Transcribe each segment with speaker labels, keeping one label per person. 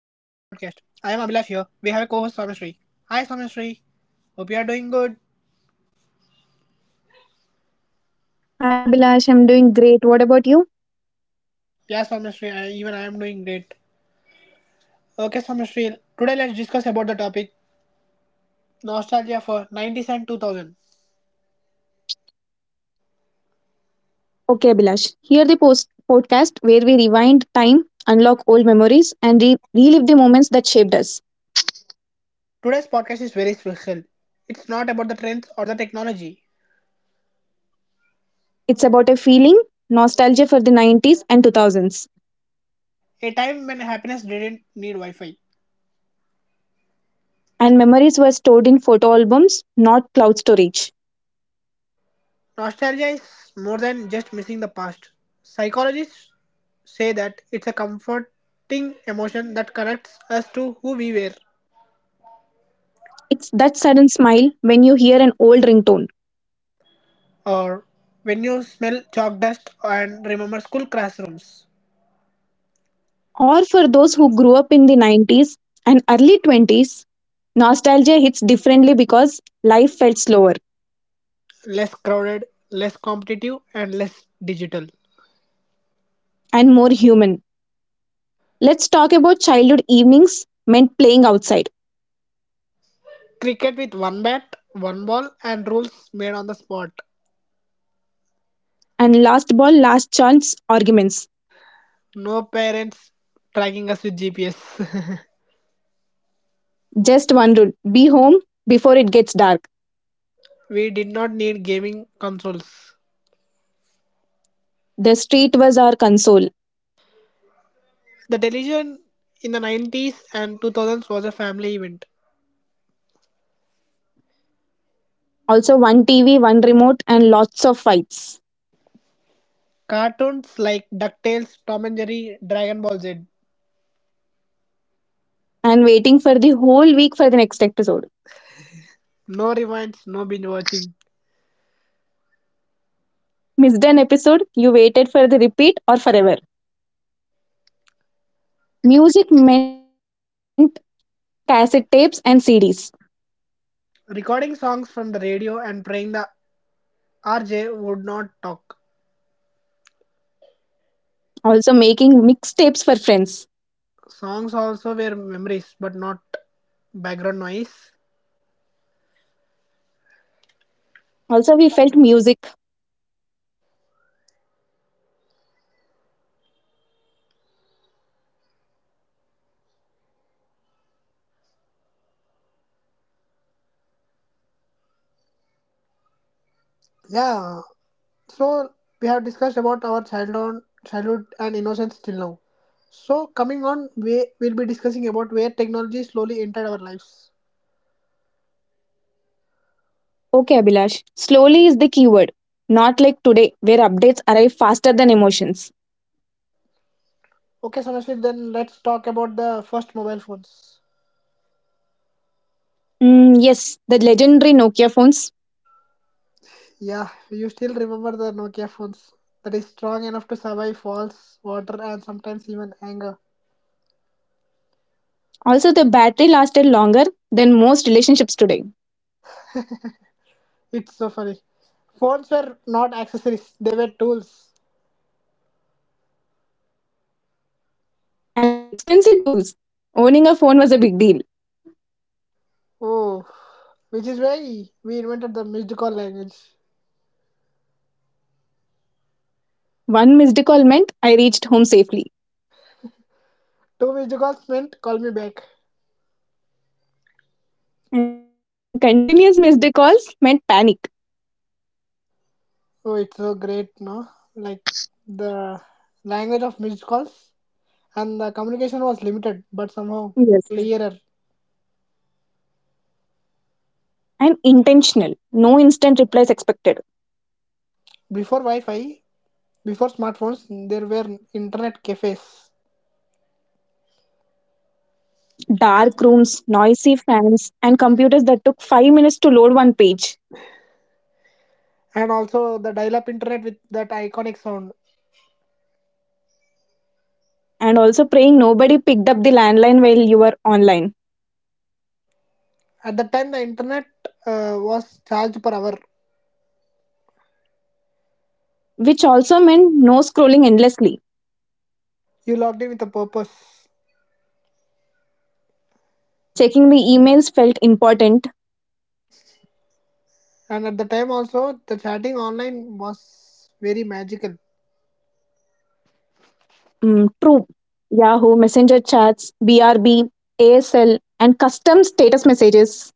Speaker 1: I am Abhilash here. We have a co-host Swamishri. Hi Swamishri, hope you are doing good.
Speaker 2: Hi, Abhilash. I'm doing great. What about you?
Speaker 1: Yeah Swamishri, even I am doing great. Okay Swamishri, today let's discuss about the topic nostalgia for 90s and 2000.
Speaker 2: Okay, Abhilash. Here the post podcast where we rewind time, unlock old memories, and relive the moments that shaped us.
Speaker 1: Today's podcast is very special. It's not about the trends or the technology.
Speaker 2: It's about a feeling, nostalgia for the 90s and 2000s,
Speaker 1: A time when happiness didn't need Wi-Fi.
Speaker 2: and memories were stored in photo albums, not cloud storage.
Speaker 1: Nostalgia is more than just missing the past. Psychologists say that it's a comforting emotion that connects us to who we were.
Speaker 2: It's that sudden smile when you hear an old ringtone.
Speaker 1: Or when you smell chalk dust and remember school classrooms,
Speaker 2: Or for those who grew up in the 90s and early 20s, nostalgia hits differently because life felt slower
Speaker 1: less crowded, less competitive, and less digital.
Speaker 2: and more human. Let's talk about childhood evenings meant playing outside
Speaker 1: Cricket with one bat, one ball, and rules made on the spot.
Speaker 2: and last ball, last chance arguments.
Speaker 1: No parents tracking us with GPS.
Speaker 2: Just one rule be home before it gets dark.
Speaker 1: We did not need gaming consoles.
Speaker 2: The street was our console.
Speaker 1: The television in the 90s and 2000s was a family event.
Speaker 2: Also, one TV, one remote, and lots of fights.
Speaker 1: Cartoons like DuckTales, Tom and Jerry, Dragon Ball Z.
Speaker 2: And waiting for the whole week for the next episode.
Speaker 1: No rewinds, no binge watching.
Speaker 2: Missed an episode, you waited for the repeat or forever. Music meant cassette tapes and CDs.
Speaker 1: Recording songs from the radio and praying the RJ would not talk.
Speaker 2: Also, making mixtapes for friends.
Speaker 1: Songs also were memories, but not background noise.
Speaker 2: Also, we felt music.
Speaker 1: Yeah, so we have discussed about our childhood and innocence till now. So coming on, we will be discussing about where technology slowly entered our lives.
Speaker 2: Okay, Abhilash. Slowly is the keyword. Not like today, where updates arrive faster than emotions.
Speaker 1: Okay, so Sonasli, then let's talk about the first mobile phones.
Speaker 2: Yes, the legendary Nokia phones.
Speaker 1: Yeah, you still remember the Nokia phones that is strong enough to survive falls, water, and sometimes even anger.
Speaker 2: Also, the battery lasted longer than most relationships today.
Speaker 1: It's so funny. Phones were not accessories, they were tools.
Speaker 2: And expensive tools. Owning a phone was a big deal.
Speaker 1: Oh, which is why we invented the missed call language.
Speaker 2: One missed call meant I reached home safely.
Speaker 1: Two missed calls meant call me back.
Speaker 2: And continuous missed calls meant panic.
Speaker 1: Oh, it's so great, no? Like the language of missed calls and the communication was limited but somehow
Speaker 2: Yes.
Speaker 1: clearer.
Speaker 2: And intentional. No instant replies expected.
Speaker 1: Before Wi Fi, Before smartphones, there were internet cafes
Speaker 2: Dark rooms, noisy fans, and computers that took 5 minutes to load one page.
Speaker 1: and also the dial-up internet with that iconic sound.
Speaker 2: And also praying nobody picked up the landline while you were online,
Speaker 1: At that time, the internet was charged per hour.
Speaker 2: which also meant no scrolling endlessly.
Speaker 1: You logged in with a purpose,
Speaker 2: Checking the emails felt important.
Speaker 1: and at the time also, the chatting online was very magical.
Speaker 2: True. Yahoo, Messenger chats, BRB, ASL, and custom status messages.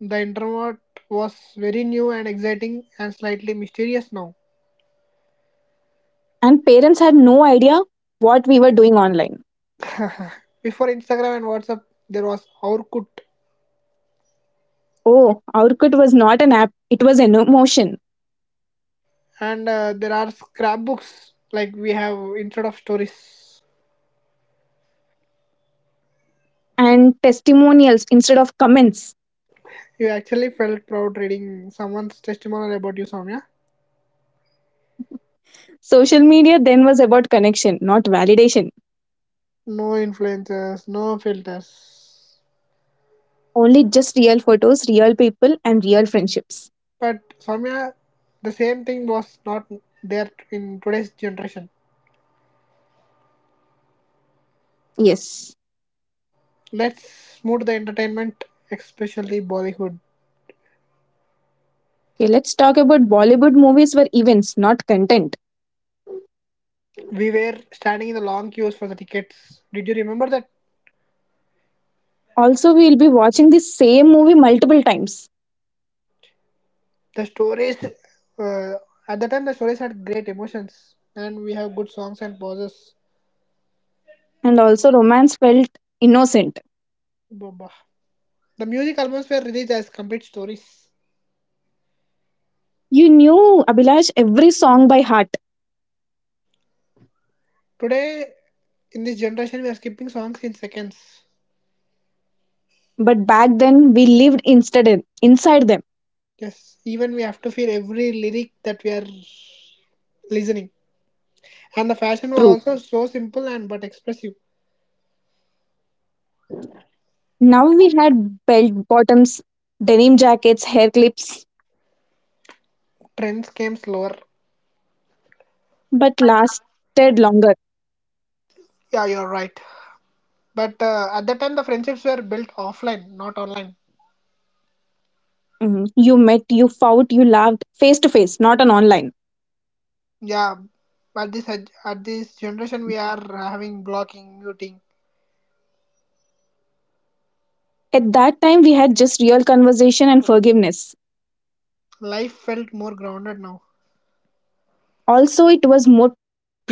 Speaker 1: The internet was very new and exciting and slightly mysterious now.
Speaker 2: And parents had no idea what we were doing online.
Speaker 1: Before Instagram and WhatsApp, there was Orkut,
Speaker 2: Oh, Aurkut was not an app, it was an emotion.
Speaker 1: and there are scrapbooks like we have instead of stories.
Speaker 2: And testimonials instead of comments.
Speaker 1: You actually felt proud reading someone's testimonial about you, Soumya.
Speaker 2: Social media then was about connection, not validation.
Speaker 1: No influences, no filters.
Speaker 2: Only just real photos, real people, and real friendships.
Speaker 1: But Soumya, the same thing was not there in today's generation.
Speaker 2: Yes.
Speaker 1: Let's move to the entertainment, especially Bollywood.
Speaker 2: Okay, let's talk about Bollywood movies were events, not content.
Speaker 1: We were standing in the long queues for the tickets. Did you remember that
Speaker 2: Also, we will be watching the same movie multiple times.
Speaker 1: the stories? Uh, at the time, the stories had great emotions, and we have good songs and pauses.
Speaker 2: And also, romance felt innocent.
Speaker 1: Baba. The music albums were released as complete stories.
Speaker 2: You knew Abhilash every song by heart,
Speaker 1: Today, in this generation, we are skipping songs in seconds.
Speaker 2: but back then we lived instead inside them.
Speaker 1: Yes, even we have to feel every lyric that we are listening. And the fashion
Speaker 2: True.
Speaker 1: was also so simple and but expressive.
Speaker 2: Now we had belt bottoms, denim jackets, hair clips,
Speaker 1: Trends came slower.
Speaker 2: but lasted longer.
Speaker 1: Yeah, you're right. But at that time, the friendships were built offline, not online.
Speaker 2: Mhm. You met, you fought, you laughed face to face, not on online.
Speaker 1: Yeah, at this at this generation, we are having blocking, muting.
Speaker 2: At that time, we had just real conversation and forgiveness.
Speaker 1: Life felt more grounded now.
Speaker 2: Also, it was more present.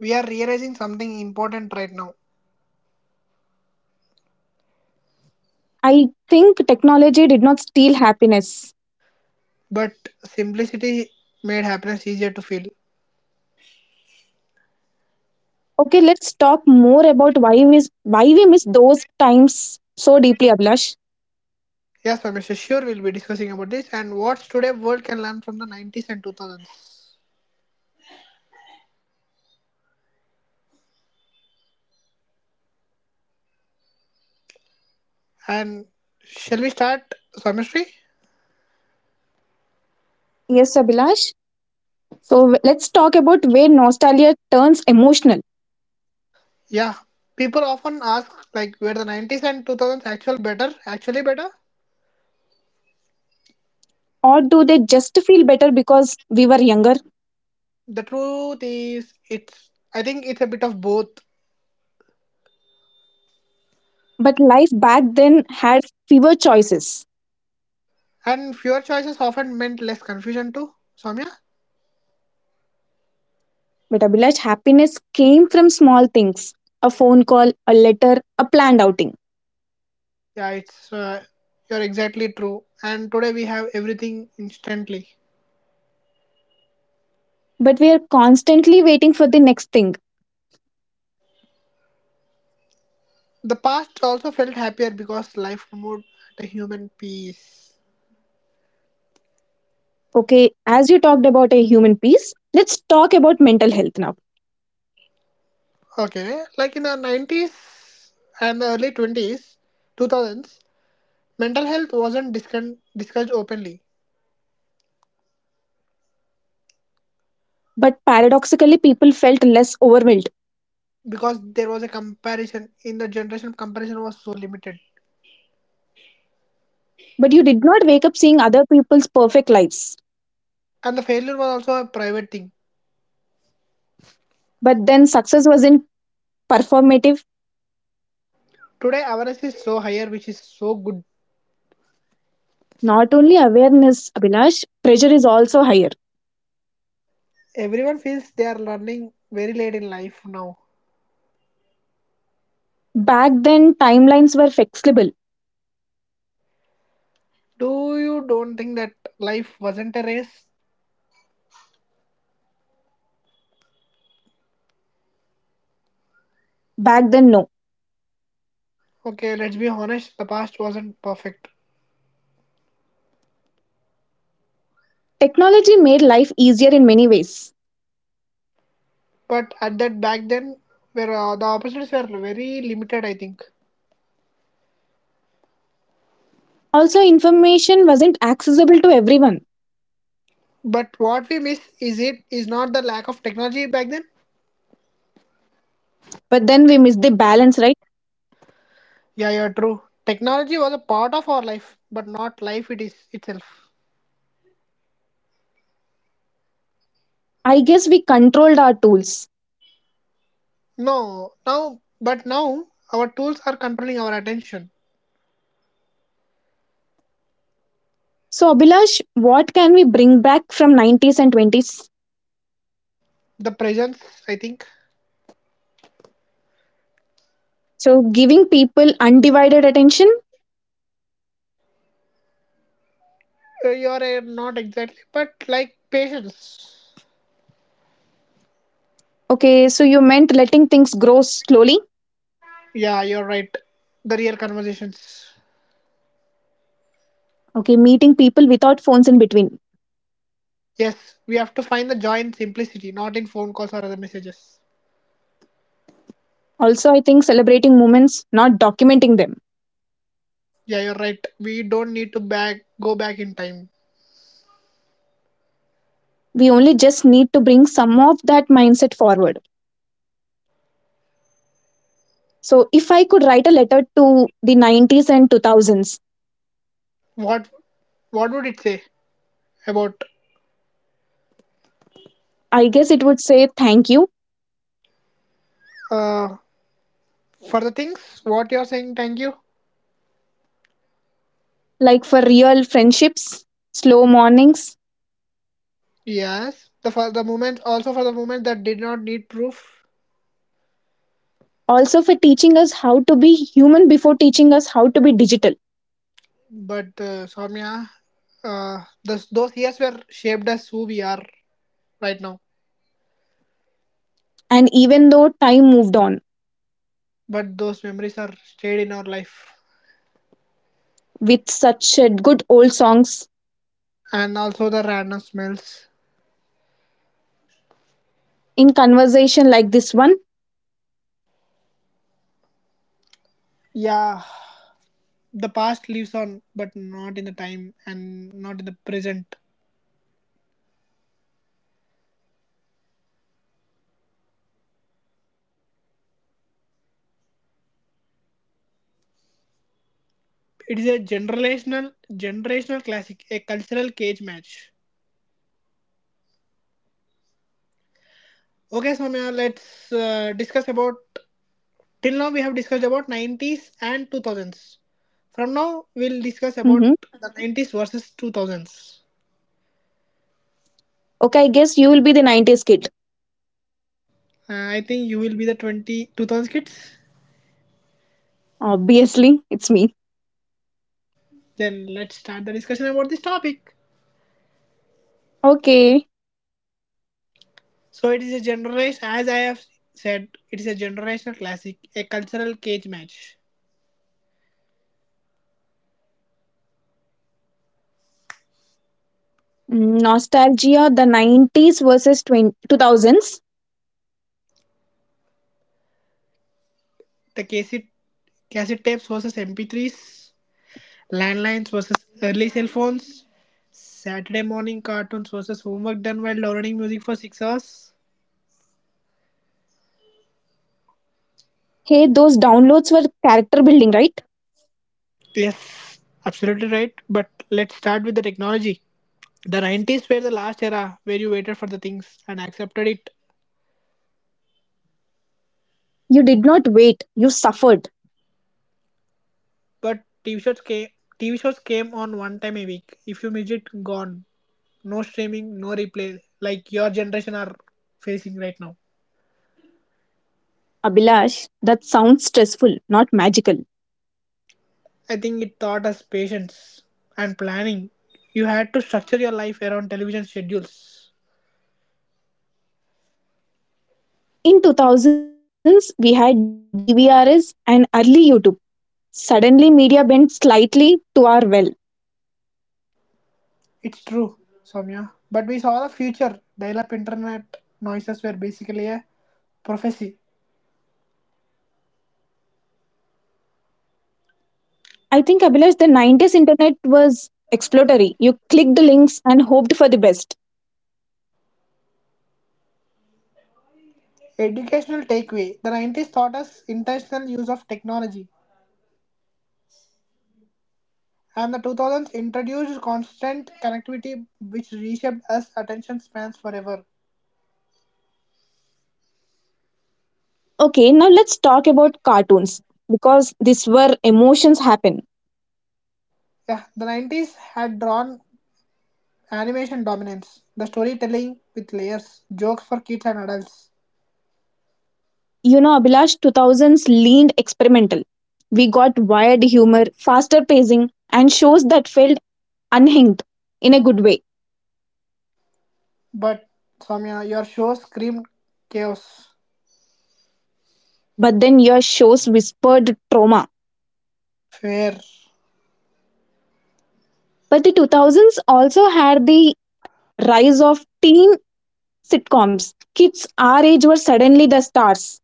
Speaker 1: We are realizing something important right now.
Speaker 2: I think technology did not steal happiness.
Speaker 1: But simplicity made happiness easier to feel.
Speaker 2: Okay, let's talk more about why we miss those times so deeply, Abhilash.
Speaker 1: Yes, sir, Mr. Sure, we'll be discussing about this and what's today world can learn from the 90s and 2000s. And shall we start, Swamishri?
Speaker 2: Yes, Abhilash. So let's talk about where nostalgia turns emotional,
Speaker 1: Yeah, people often ask like were the 90s and 2000s actually better?
Speaker 2: or do they just feel better because we were younger?
Speaker 1: The truth is, it's I think it's a bit of both,
Speaker 2: But life back then had fewer choices.
Speaker 1: and fewer choices often meant less confusion too. Soumya,
Speaker 2: But Abhilash, happiness came from small things a phone call, a letter, a planned outing.
Speaker 1: yeah, it's you're exactly true. And today we have everything instantly.
Speaker 2: But we are constantly waiting for the next thing.
Speaker 1: The past also felt happier because life moved at a human pace.
Speaker 2: Okay, as you talked about a human piece, let's talk about mental health now.
Speaker 1: Okay, like in the 90s and the early 2000s, mental health wasn't discussed openly
Speaker 2: But paradoxically, people felt less overwhelmed.
Speaker 1: because there was a comparison in the generation comparison was so limited
Speaker 2: But you did not wake up seeing other people's perfect lives.
Speaker 1: and the failure was also a private thing.
Speaker 2: But then success wasn't performative.
Speaker 1: Today awareness is so higher which is so good.
Speaker 2: Not only awareness, Abhilash, pressure is also higher.
Speaker 1: Everyone feels they are learning very late in life now.
Speaker 2: Back then, timelines were flexible.
Speaker 1: Do you don't think that life wasn't a race?
Speaker 2: Back then, no.
Speaker 1: Okay, let's be honest, the past wasn't perfect.
Speaker 2: Technology made life easier in many ways.
Speaker 1: But at that back then where the opportunities were very limited, I think.
Speaker 2: Also, information wasn't accessible to everyone.
Speaker 1: But what we miss is it is not the lack of technology back then.
Speaker 2: But then we missed the balance, right?
Speaker 1: Yeah, true. Technology was a part of our life, but not life it is itself.
Speaker 2: I guess we controlled our tools.
Speaker 1: No, now, but now our tools are controlling our attention.
Speaker 2: So, Abhilash, what can we bring back from 90s and 20s?
Speaker 1: The presence, I think.
Speaker 2: So, giving people undivided attention.
Speaker 1: You're not exactly, but like patience.
Speaker 2: Okay, so you meant letting things grow slowly.
Speaker 1: Yeah, you're right. The real conversations.
Speaker 2: Okay, meeting people without phones in between.
Speaker 1: Yes, we have to find the joy in simplicity, not in phone calls or other messages.
Speaker 2: Also, I think celebrating moments, not documenting them.
Speaker 1: Yeah, you're right. We don't need to back go back in time.
Speaker 2: We only just need to bring some of that mindset forward. So if I could write a letter to the 90s and 2000s,
Speaker 1: what what would it say about
Speaker 2: I guess it would say thank you,
Speaker 1: uh for the things what you're saying thank you
Speaker 2: like for real friendships, slow mornings,
Speaker 1: yes the for the moment also for the moment that did not need proof
Speaker 2: also for teaching us how to be human before teaching us how to be digital.
Speaker 1: but Soumya those years were shaped as who we are right now
Speaker 2: And even though time moved on
Speaker 1: but those memories are stayed in our life
Speaker 2: with such good old songs
Speaker 1: and also the random smells
Speaker 2: in conversation like this one,
Speaker 1: yeah the past lives on but not in the time and not in the present it is a generational classic a cultural cage match. Okay, Soumya, let's discuss about. Till now, we have discussed about 90s and 2000s. From now, we'll discuss
Speaker 2: hmm.
Speaker 1: about the 90s versus 2000s.
Speaker 2: Okay, I guess you will be the 90s kid.
Speaker 1: I think you will be the 20, 2000s kids.
Speaker 2: Obviously, it's me.
Speaker 1: Then let's start the discussion about this topic.
Speaker 2: Okay.
Speaker 1: So, it is a generation, as I have said, it is a generational classic, a cultural cage match.
Speaker 2: Nostalgia, the 90s versus 20, 2000s.
Speaker 1: The cassette tapes versus MP3s, landlines versus early cell phones, Saturday morning cartoons versus homework done while learning music for 6 hours.
Speaker 2: Hey, those downloads were character building, right?
Speaker 1: Yes, absolutely right. But let's start with the technology. The 90s were the last era where you waited for the things and accepted it.
Speaker 2: You did not wait, you suffered.
Speaker 1: But TV shows came on one time a week. If you missed it, gone. No streaming, no replay, like your generation are facing right now.
Speaker 2: Abhilash, that sounds stressful, not magical.
Speaker 1: I think it taught us patience and planning. You had to structure your life around television schedules.
Speaker 2: In 2000s, we had DVRs and early YouTube. Suddenly, media bent slightly to our will.
Speaker 1: It's true, Soumya. But we saw the future. Dial up internet noises were basically a prophecy.
Speaker 2: I think, Abhilash, the 90s internet was exploratory. You clicked the links and hoped for the best.
Speaker 1: Educational takeaway. The 90s taught us intentional use of technology, and the 2000s introduced constant connectivity, which reshaped us attention spans forever.
Speaker 2: Okay, now let's talk about cartoons because these were emotions happen.
Speaker 1: Yeah, the 90s had drawn animation dominance, the storytelling with layers, jokes for kids and adults.
Speaker 2: You know, Abhilash, 2000s leaned experimental. We got wired humor, faster pacing, and shows that felt unhinged in a good way.
Speaker 1: But Soumya, your show screamed chaos.
Speaker 2: But then your shows whispered trauma.
Speaker 1: Fair.
Speaker 2: But the 2000s also had the rise of teen sitcoms. Kids our age were suddenly the stars.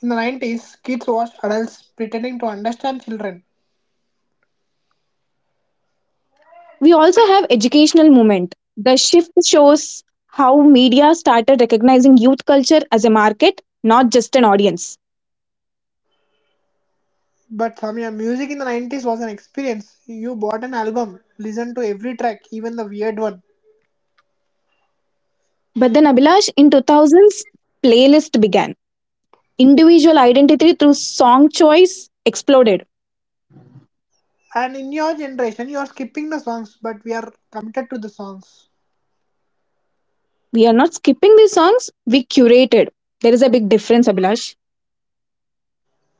Speaker 1: In the 90s, kids watched adults pretending to understand children.
Speaker 2: We also have educational movement. The shift shows how media started recognizing youth culture as a market, not just an audience.
Speaker 1: But Soumya, music in the 90s was an experience. You bought an album, listened to every track, even the weird one.
Speaker 2: But then, Abhilash, in 2000s, playlist began. Individual identity through song choice exploded.
Speaker 1: And in your generation, you are skipping the songs, but we are committed to the songs.
Speaker 2: We are not skipping the songs, we curated. There is a big difference, Abhilash.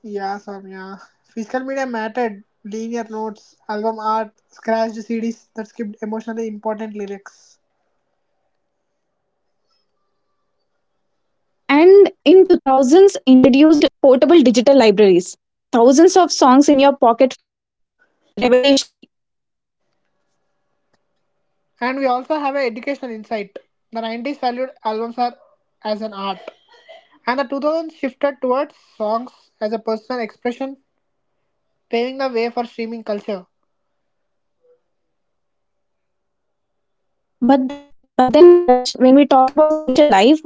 Speaker 1: Yeah, Soumya. Physical media mattered. Linear notes, album art, scratched CDs that skipped emotionally important lyrics.
Speaker 2: And in 2000s, introduced portable digital libraries. Thousands of songs in your pocket felt revolutionary.
Speaker 1: And we also have an educational insight. The 90s valued albums are as an art, and the 2000s shifted towards songs as a personal expression, paving the way for streaming culture.
Speaker 2: But but then, Abhilash, when we talk about social life,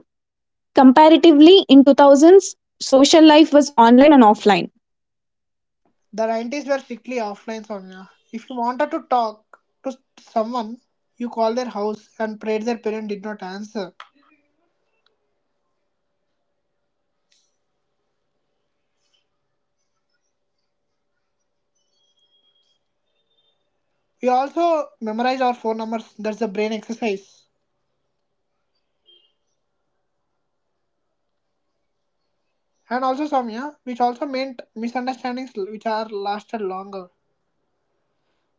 Speaker 2: comparatively in 2000s, social life was online and offline
Speaker 1: The 90s were strictly offline, Soumya. If you wanted to talk to someone, you called their house and prayed their parent did not answer. We also memorized our phone numbers, that's a brain exercise. And also, Soumya, which also meant misunderstandings which are lasted longer.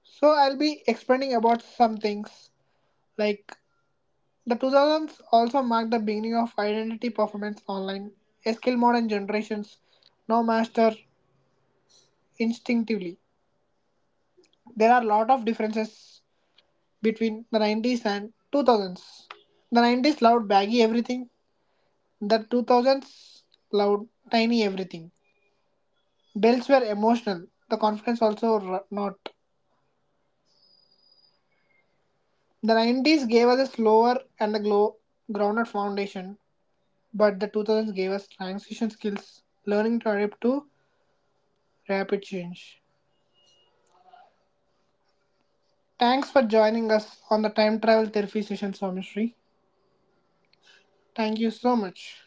Speaker 1: So I'll be explaining about some things. Like the 2000s also marked the beginning of identity performance online, a skill modern generations now master instinctively. There are a lot of differences between the 90s and 2000s. The 90s loved baggy everything, the 2000s loved tiny everything. Belts were emotional, the confidence also not. The 90s gave us a slower and a glow, grounded foundation, but the 2000s gave us transition skills, learning to adapt to rapid change. Thanks for joining us on the time travel therapy session, Swamishri. Thank you so much.